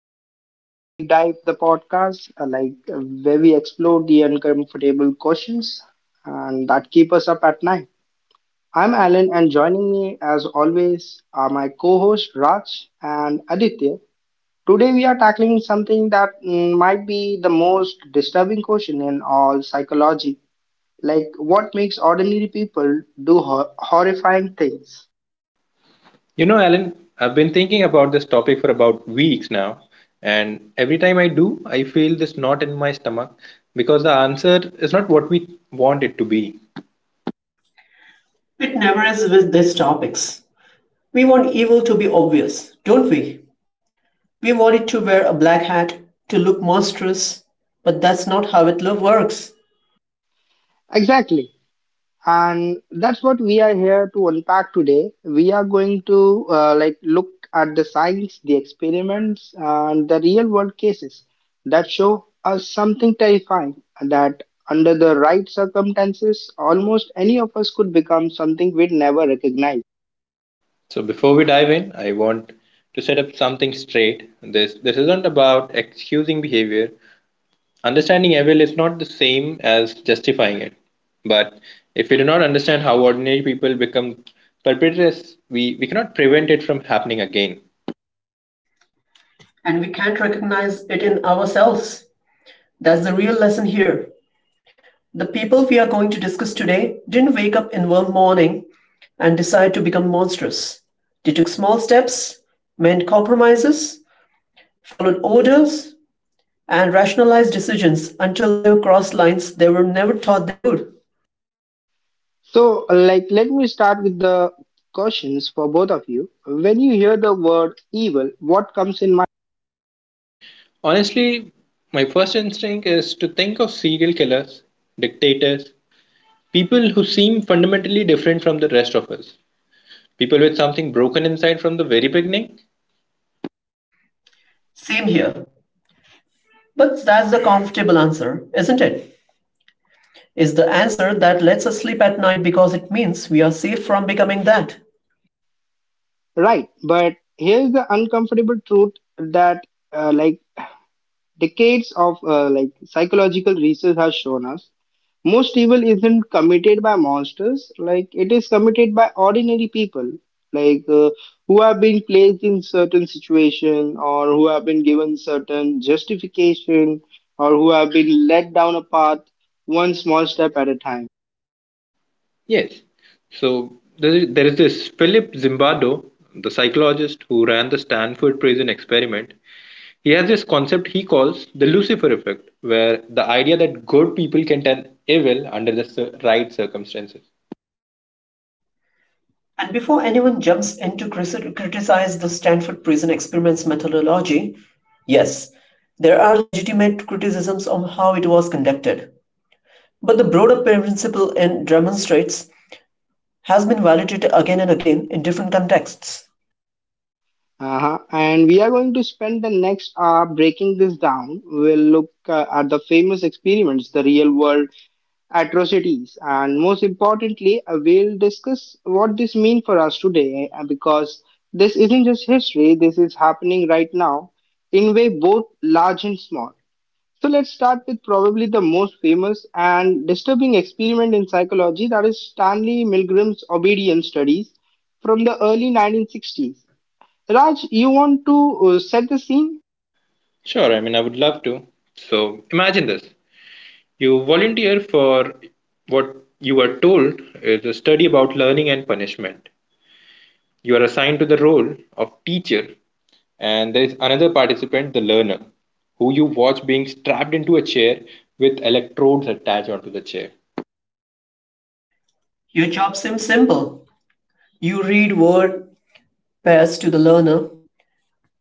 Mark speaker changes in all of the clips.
Speaker 1: back to Deep Dive, the podcast, where we explore the uncomfortable questions and that keep us up at night. I'm Alan, and joining me, as always, are my co-hosts Raj and Aditya. Today, we are tackling something that might be the most disturbing question in all psychology, like what makes ordinary people do horrifying things.
Speaker 2: You know, Alan, I've been thinking about this topic for about weeks now, and every time I do, I feel this knot in my stomach because the answer is not what we want it to be.
Speaker 3: It never is with these topics. We want evil to be obvious, don't we? We want it to wear a black hat, to look monstrous, but that's not how it love works.
Speaker 1: Exactly. And that's what we are here to unpack today. We are going to look at the science, the experiments, and the real world cases that show us something terrifying that under the right circumstances, almost any of us could become something we'd never recognize.
Speaker 2: So before we dive in, I want to set up something straight. This isn't about excusing behavior. Understanding evil is not the same as justifying it. But if we do not understand how ordinary people become perpetrators, we cannot prevent it from happening again.
Speaker 3: And we can't recognize it in ourselves. That's the real lesson here. The people we are going to discuss today didn't wake up in one morning and decide to become monstrous. They took small steps, made compromises, followed orders, and rationalized decisions until they crossed lines they were never thought they would.
Speaker 1: So, like, let me start with the questions for both of you. When you hear the word evil, what comes in mind?
Speaker 2: Honestly, my first instinct is to think of serial killers, dictators, people who seem fundamentally different from the rest of us, people with something broken inside from the very beginning.
Speaker 3: Same here. But that's the comfortable answer, isn't it? It's the answer that lets us sleep at night because it means we are safe from becoming that.
Speaker 1: Right, but here's the uncomfortable truth that uh, like decades of psychological research has shown us most evil isn't committed by monsters like it is committed by ordinary people like uh, who have been placed in certain situation or who have been given certain justification or who have been led down a path one small step at a time.
Speaker 2: Yes. So there is this Philip Zimbardo, the psychologist who ran the Stanford prison experiment. He has this concept he calls the Lucifer effect, where the idea that good people can turn evil under the right circumstances.
Speaker 3: And before anyone jumps in to criticize the Stanford Prison Experiments methodology, yes, there are legitimate criticisms on how it was conducted. But the broader principle it demonstrates has been validated again and again in different contexts.
Speaker 1: Uh-huh. And we are going to spend the next hour breaking this down. We'll look at the famous experiments, the real world atrocities, and most importantly, we'll discuss what this means for us today, because this isn't just history, this is happening right now in way both large and small. So let's start with probably the most famous and disturbing experiment in psychology, that is Stanley Milgram's obedience studies from the early 1960s. Raj, you want to set the scene?
Speaker 2: Sure, I mean, I would love to. So imagine this. You volunteer for what you are told is a study about learning and punishment. You are assigned to the role of teacher, and there is another participant, the learner, who you watch being strapped into a chair with electrodes attached onto the chair.
Speaker 3: Your job seems simple. You read word pairs to the learner,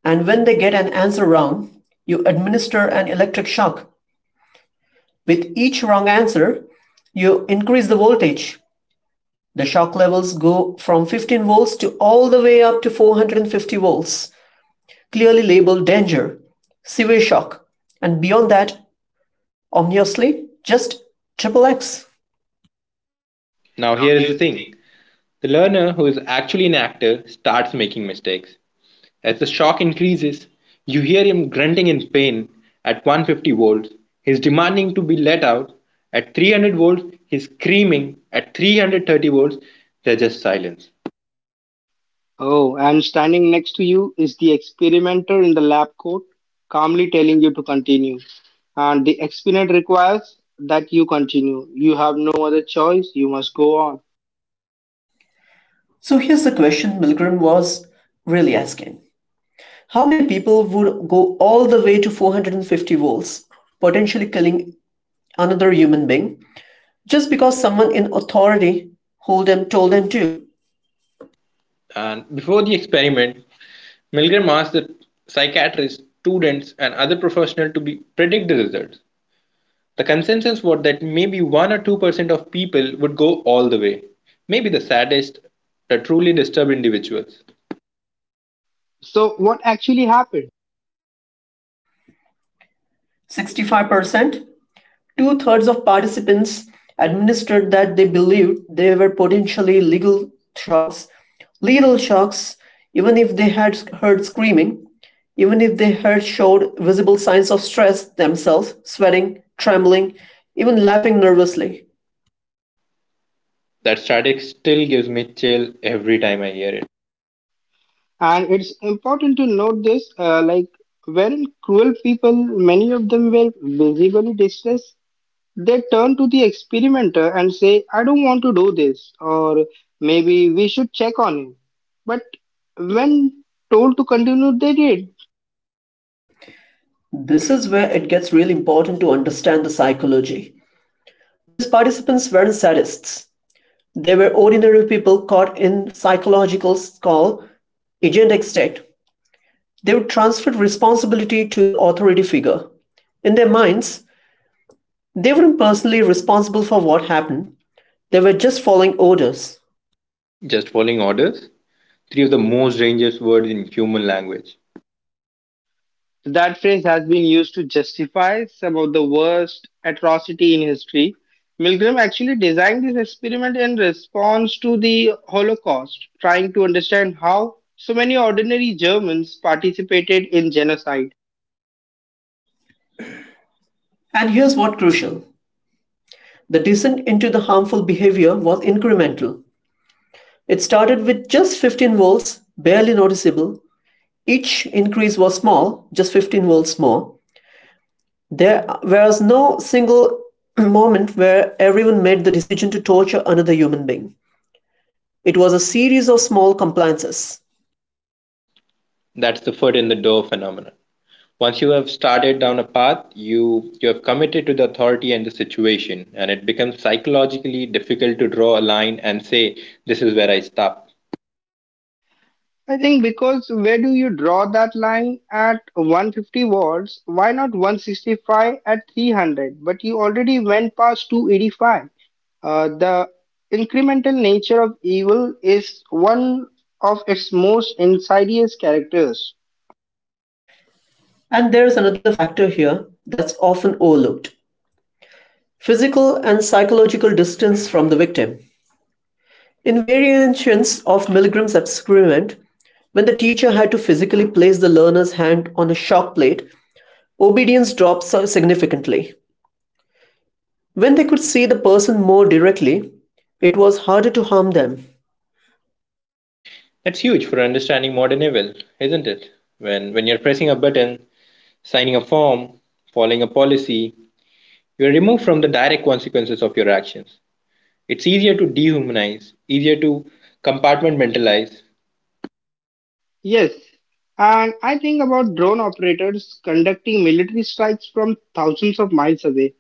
Speaker 3: and when they get an answer wrong, you administer an electric shock. With each wrong answer, you increase the voltage. The shock levels go from 15 volts to all the way up to 450 volts, clearly labeled danger, severe shock, and beyond that, ominously, just triple X.
Speaker 2: Now,
Speaker 1: Now
Speaker 2: here is the
Speaker 1: here's the
Speaker 2: thing.
Speaker 1: thing.
Speaker 2: The learner, who is actually an actor, starts making mistakes. As the shock increases, you hear him grunting in pain at 150 volts. He's demanding to be let out. At 300 volts, he's screaming. At 330 volts, there's just silence.
Speaker 1: Oh, and standing next to you is the experimenter in the lab coat, calmly telling you to continue. And the experiment requires that you continue. You have no other choice, you must go on.
Speaker 3: So here's the question Milgram was really asking. How many people would go all the way to 450 volts, potentially killing another human being, just because someone in authority told them to?
Speaker 2: And before the experiment, Milgram asked the psychiatrists, students, and other professionals to be, predict the results. The consensus was that maybe 1 or 2% of people would go all the way. Maybe the saddest, the truly disturbed individuals.
Speaker 1: So, what actually happened?
Speaker 3: 65%, two-thirds of participants administered that they believed they were potentially legal shocks, lethal shocks, even if they had heard screaming, even if they had showed visible signs of stress themselves, sweating, trembling, even laughing nervously.
Speaker 2: That static still gives me chill every time I hear it.
Speaker 1: And it's important to note this weren't cruel people, many of them were visibly distressed. They turn to the experimenter and say, I don't want to do this, or maybe we should check on him. But when told to continue, they did.
Speaker 3: This is where it gets really important to understand the psychology. These participants weren't sadists. They were ordinary people caught in psychological skull agentic state. They would transfer responsibility to the authority figure. In their minds, they weren't personally responsible for what happened. They were just following orders.
Speaker 2: Just following orders? Three of the most dangerous words in human language.
Speaker 1: That phrase has been used to justify some of the worst atrocity in history. Milgram actually designed this experiment in response to the Holocaust, trying to understand how so many ordinary Germans participated in genocide.
Speaker 3: And here's what crucial. The descent into the harmful behavior was incremental. It started with just 15 volts, barely noticeable. Each increase was small, just 15 volts more. There was no single moment where everyone made the decision to torture another human being. It was a series of small compliances.
Speaker 2: That's the foot in the door phenomenon. Once you have started down a path, you have committed to the authority and the situation, and it becomes psychologically difficult to draw a line and say, this is where I stop.
Speaker 1: I think because where do you draw that line at 150 watts? Why not 165 at 300? But you already went past 285. The incremental nature of evil is one of its most insidious characters.
Speaker 3: And there is another factor here that's often overlooked: physical and psychological distance from the victim. In variations of Milgram's experiment, when the teacher had to physically place the learner's hand on a shock plate, obedience dropped significantly. When they could see the person more directly, it was harder to harm them.
Speaker 2: That's huge for understanding modern evil, isn't it? When you're pressing a button, signing a form, following a policy, you are removed from the direct consequences of your actions. It's easier to dehumanize, easier to compartmentalize.
Speaker 1: Yes, and I think about drone operators conducting military strikes from thousands of miles away.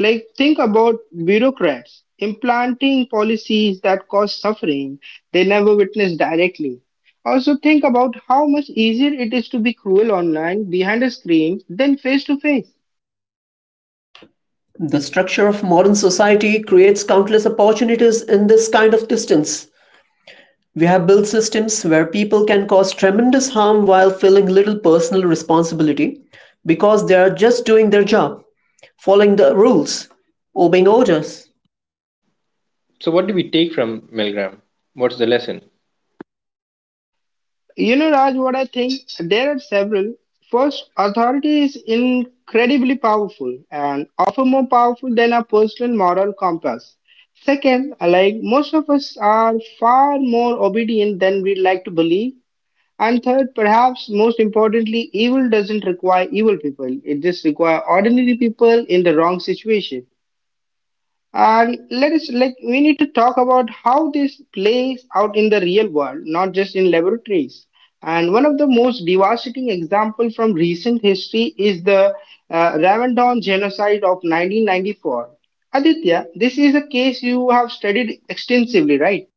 Speaker 1: Like, think about bureaucrats implanting policies that cause suffering they never witnessed directly. Also, think about how much easier it is to be cruel online behind a screen than face to face.
Speaker 3: The structure of modern society creates countless opportunities in this kind of distance. We have built systems where people can cause tremendous harm while feeling little personal responsibility because they are just doing their job, following the rules, obeying orders.
Speaker 2: So, what do we take from Milgram? What's the lesson?
Speaker 1: You know, Raj, what I think? There are several. First, authority is incredibly powerful and often more powerful than our personal moral compass. Second, like most of us are far more obedient than we'd like to believe. And third, perhaps most importantly, evil doesn't require evil people. It just requires ordinary people in the wrong situation. And let us like we need to talk about how this plays out in the real world, not just in laboratories. And one of the most devastating examples from recent history is the Rwandan genocide of 1994. Aditya, this is a case you have studied extensively, right?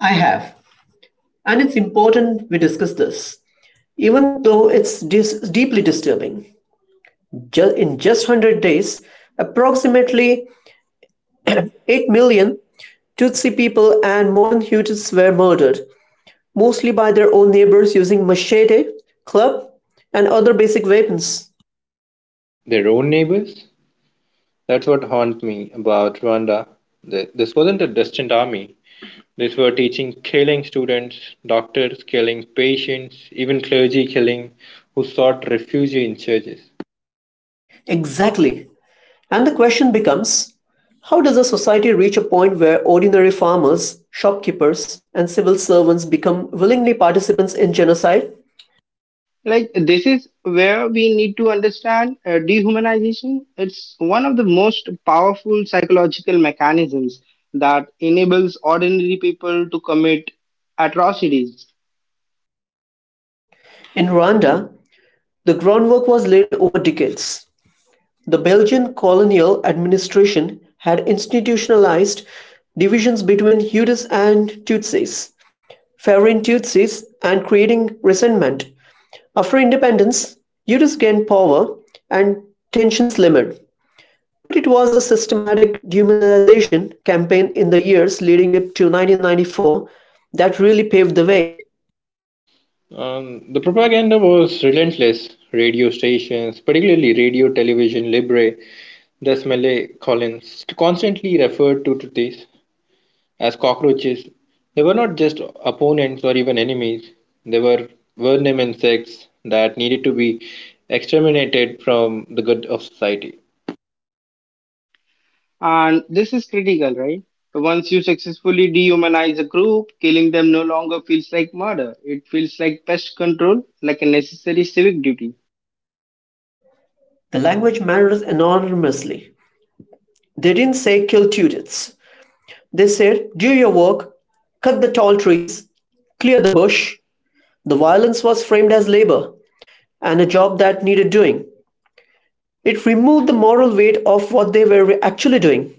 Speaker 3: I have. And it's important we discuss this, even though it's deeply disturbing. In just 100 days, approximately 8 million Tutsi people and modern Hutus were murdered mostly by their own neighbors using machete, club, and other basic weapons.
Speaker 2: Their own neighbors? That's what haunts me about Rwanda. This wasn't a distant army. These were teaching killing students, doctors killing patients, even clergy killing who sought refuge in churches.
Speaker 3: Exactly. And the question becomes, how does a society reach a point where ordinary farmers, shopkeepers, and civil servants become willingly participants in genocide?
Speaker 1: Like, this is where we need to understand dehumanization. It's one of the most powerful psychological mechanisms that enables ordinary people to commit atrocities.
Speaker 3: In Rwanda, the groundwork was laid over decades. The Belgian colonial administration had institutionalized divisions between Hutus and Tutsis, favoring Tutsis and creating resentment. After independence, Eudes gained power and tensions simmered. But it was the systematic demonization campaign in the years leading up to 1994 that really paved the way.
Speaker 2: Um, the propaganda was relentless. Radio stations, particularly Radio Television Libre, Desmele Collins, constantly referred to this as cockroaches. They were not just opponents or even enemies, they were vermin insects that needed to be exterminated from the good of society.
Speaker 1: And this is critical, right? Once you successfully dehumanize a group, killing them no longer feels like murder. It feels like pest control, like a necessary civic duty.
Speaker 3: The language matters enormously. They didn't say kill Tudits. They said do your work, cut the tall trees, clear the bush. The violence was framed as labor and a job that needed doing. It removed the moral weight of what they were actually doing.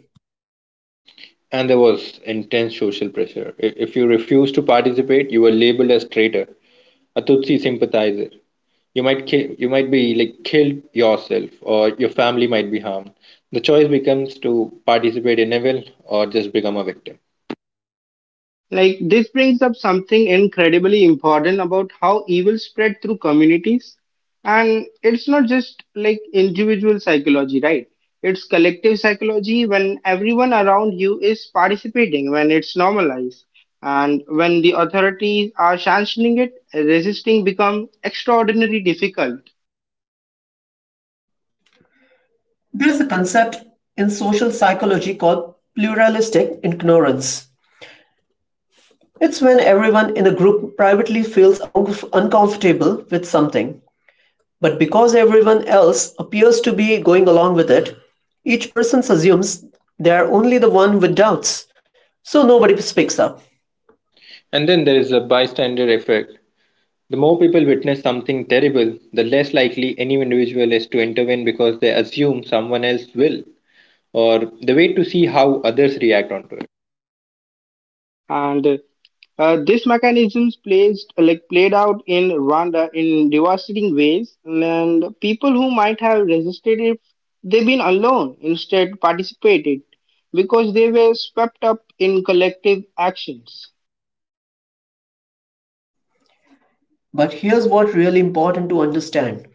Speaker 2: And there was intense social pressure. If you refused to participate, you were labeled as traitor, a Tutsi sympathizer. You might you might be like killed yourself, or your family might be harmed. The choice becomes to participate in evil or just become a victim.
Speaker 1: Like, this brings up something incredibly important about how evil spread through communities. And it's not just like individual psychology, right? It's collective psychology when everyone around you is participating, when it's normalized. And when the authorities are sanctioning it, resisting becomes extraordinarily difficult.
Speaker 3: There is a concept in social psychology called pluralistic ignorance. It's when everyone in a group privately feels uncomfortable with something, but because everyone else appears to be going along with it, each person assumes they are only the one with doubts, so nobody speaks up.
Speaker 2: And then there is a bystander effect. The more people witness something terrible, the less likely any individual is to intervene because they assume someone else will, or they wait to see how others react onto it.
Speaker 1: And this mechanisms plays like played out in Rwanda in devastating ways, and people who might have resisted if they've been alone instead participated because they were swept up in collective actions.
Speaker 3: But here's what's really important to understand.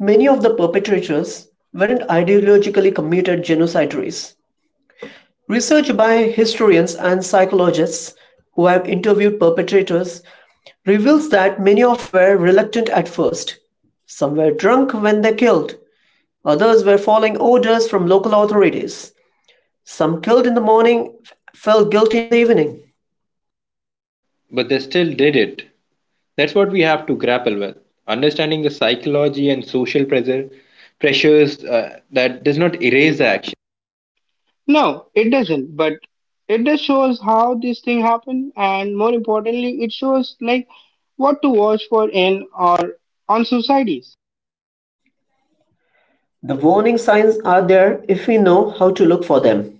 Speaker 3: Many of the perpetrators weren't ideologically committed genocidaries. Research by historians and psychologists who have interviewed perpetrators reveals that many of were reluctant at first. Some were drunk when they killed, others were following orders from local authorities. Some killed in the morning felt guilty in the evening.
Speaker 2: But they still did it. That's what we have to grapple with. Understanding the psychology and social pressures that does not erase the action.
Speaker 1: No, it doesn't, but it just shows how this thing happened, and more importantly, it shows like what to watch for in or on societies.
Speaker 3: The warning signs are there if we know how to look for them: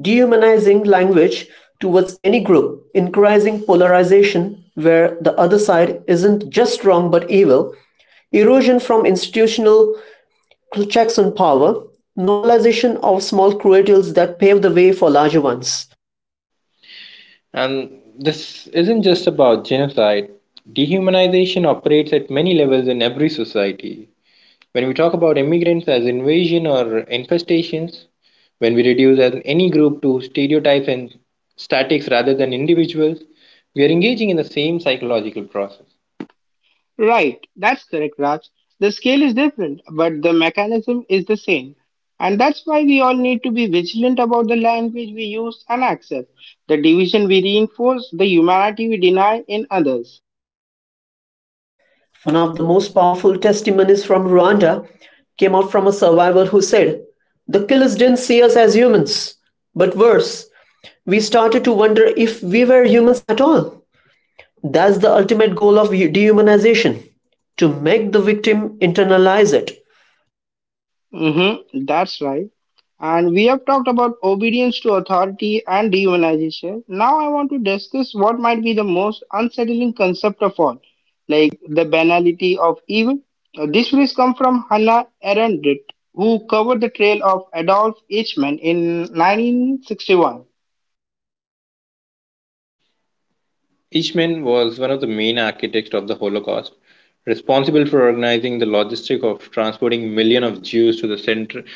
Speaker 3: dehumanizing language towards any group, increasing polarization where the other side isn't just wrong but evil, erosion from institutional checks on power, normalization of small cradles that pave the way for larger ones.
Speaker 2: And this isn't just about genocide. Dehumanization operates at many levels in every society. When we talk about immigrants as invasion or infestations, when we reduce any group to stereotypes and statics rather than individuals, we are engaging in the same psychological process.
Speaker 1: Right, that's correct, Raj. The scale is different, but the mechanism is the same. And that's why we all need to be vigilant about the language we use and accept, the division we reinforce, the humanity we deny in others.
Speaker 3: One of the most powerful testimonies from Rwanda came out from a survivor who said, "The killers didn't see us as humans, but worse, we started to wonder if we were humans at all." That's the ultimate goal of dehumanization, to make the victim internalize it.
Speaker 1: Mm-hmm, that's right. And we have talked about obedience to authority and dehumanization. Now I want to discuss what might be the most unsettling concept of all, like the banality of evil. These phrase come from Hannah Arendt, who covered the trail of Adolf Eichmann in 1961.
Speaker 2: Eichmann was one of the main architects of the Holocaust, responsible for organizing the logistic of transporting millions of Jews to the center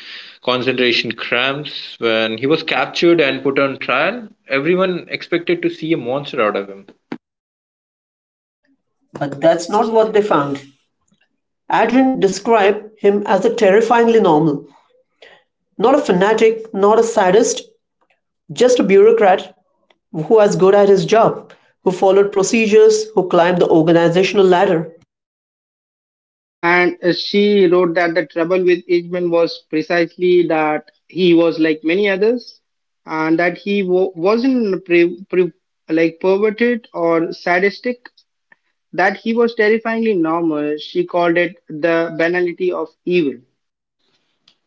Speaker 2: concentration camps. When he was captured and put on trial, everyone expected to see a monster out of him.
Speaker 3: But that's not what they found. Adrian described him as a terrifyingly normal, not a fanatic, not a sadist, just a bureaucrat who was good at his job, who followed procedures, who climbed the organizational ladder.
Speaker 1: And she wrote that the trouble with Ishmael was precisely that he was like many others, and that he wasn't like perverted or sadistic, that he was terrifyingly normal. She called it the banality of evil.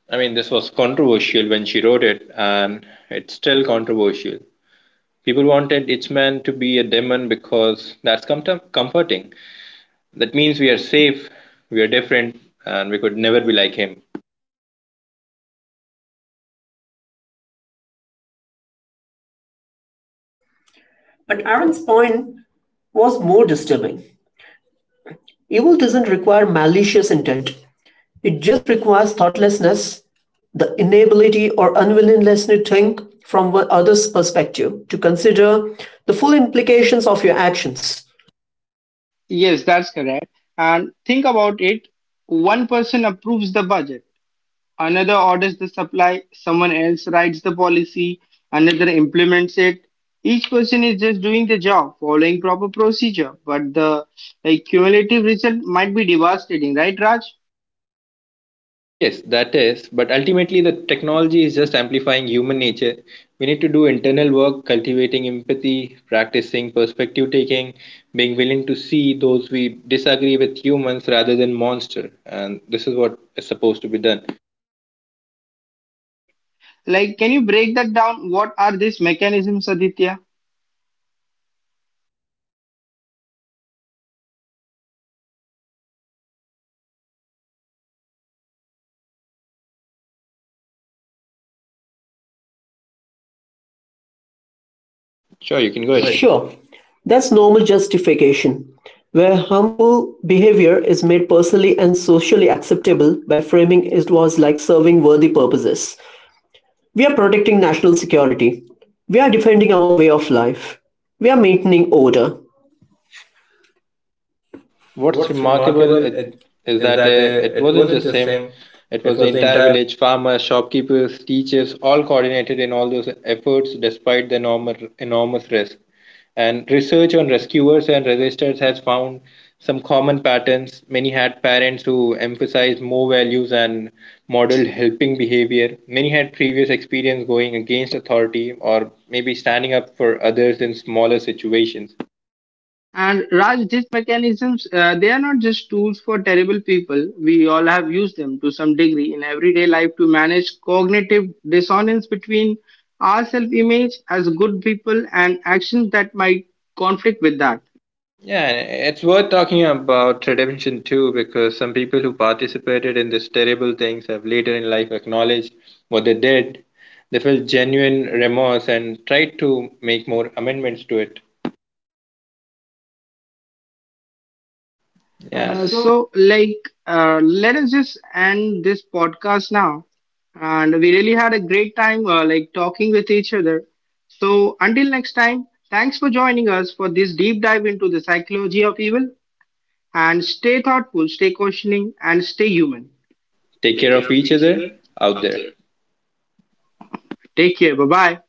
Speaker 2: I mean, this was controversial when she wrote it, and it's still controversial. People wanted its man to be a demon because that's comforting. That means we are safe, we are different, and we could never be like him.
Speaker 3: But Aaron's point was more disturbing. Evil doesn't require malicious intent. It just requires thoughtlessness, the inability or unwillingness to think from other's perspective, to consider the full implications of your actions.
Speaker 1: Yes, that's correct. And think about it, one person approves the budget, another orders the supply, someone else writes the policy, another implements it. Each person is just doing the job, following proper procedure, but the like, cumulative result might be devastating, right, Raj?
Speaker 2: Yes, that is, but ultimately the technology is just amplifying human nature. We need to do internal work, cultivating empathy, practicing perspective taking, being willing to see those we disagree with humans rather than monster. And this is what is supposed to be done.
Speaker 1: Like, can you break that down? What are these mechanisms, Aditya?
Speaker 2: Sure,
Speaker 3: Sure,
Speaker 2: you
Speaker 3: you
Speaker 2: can go
Speaker 3: can go
Speaker 2: ahead.
Speaker 3: ahead. Sure, that's normal justification, where harmful behavior is made personally and socially acceptable by framing it was like serving worthy purposes. We are protecting national security. We are defending our way of life. We are maintaining order.
Speaker 2: What's
Speaker 3: What's
Speaker 2: remarkable
Speaker 3: remarkable
Speaker 2: it,
Speaker 3: it,
Speaker 2: is
Speaker 3: is
Speaker 2: that
Speaker 3: that
Speaker 2: it
Speaker 3: it
Speaker 2: wasn't
Speaker 3: wasn't
Speaker 2: just
Speaker 3: just
Speaker 2: him,
Speaker 3: him,
Speaker 2: it
Speaker 3: it
Speaker 2: was the
Speaker 3: was the
Speaker 2: entire
Speaker 3: entire
Speaker 2: village farmers, shopkeepers, teachers, all coordinated in all those efforts despite the enormous risk. And research on rescuers and resistors has found some common patterns. Many had parents who emphasized more values and modeled helping behavior. Many had previous experience going against authority or maybe standing up for others in smaller situations.
Speaker 1: And Raj, these mechanisms, they are not just tools for terrible people. We all have used them to some degree in everyday life to manage cognitive dissonance between our self image as good people and actions that might conflict with that.
Speaker 2: Yeah, and it's worth talking about redemption too, because some people who participated in these terrible things have later in life acknowledged what they did. They felt genuine remorse and tried to make more amendments to it. Yeah,
Speaker 1: Uh, so, like, let us just end this podcast now. And we really had a great time, talking with each other. So, until next time, thanks for joining us for this deep dive into the psychology of evil. And stay thoughtful, stay questioning, and stay human.
Speaker 2: take
Speaker 1: Take
Speaker 2: care
Speaker 1: care
Speaker 2: of
Speaker 1: of
Speaker 2: each
Speaker 1: each
Speaker 2: other
Speaker 1: other
Speaker 2: out
Speaker 1: out
Speaker 2: there.
Speaker 1: there. Take care. Bye bye.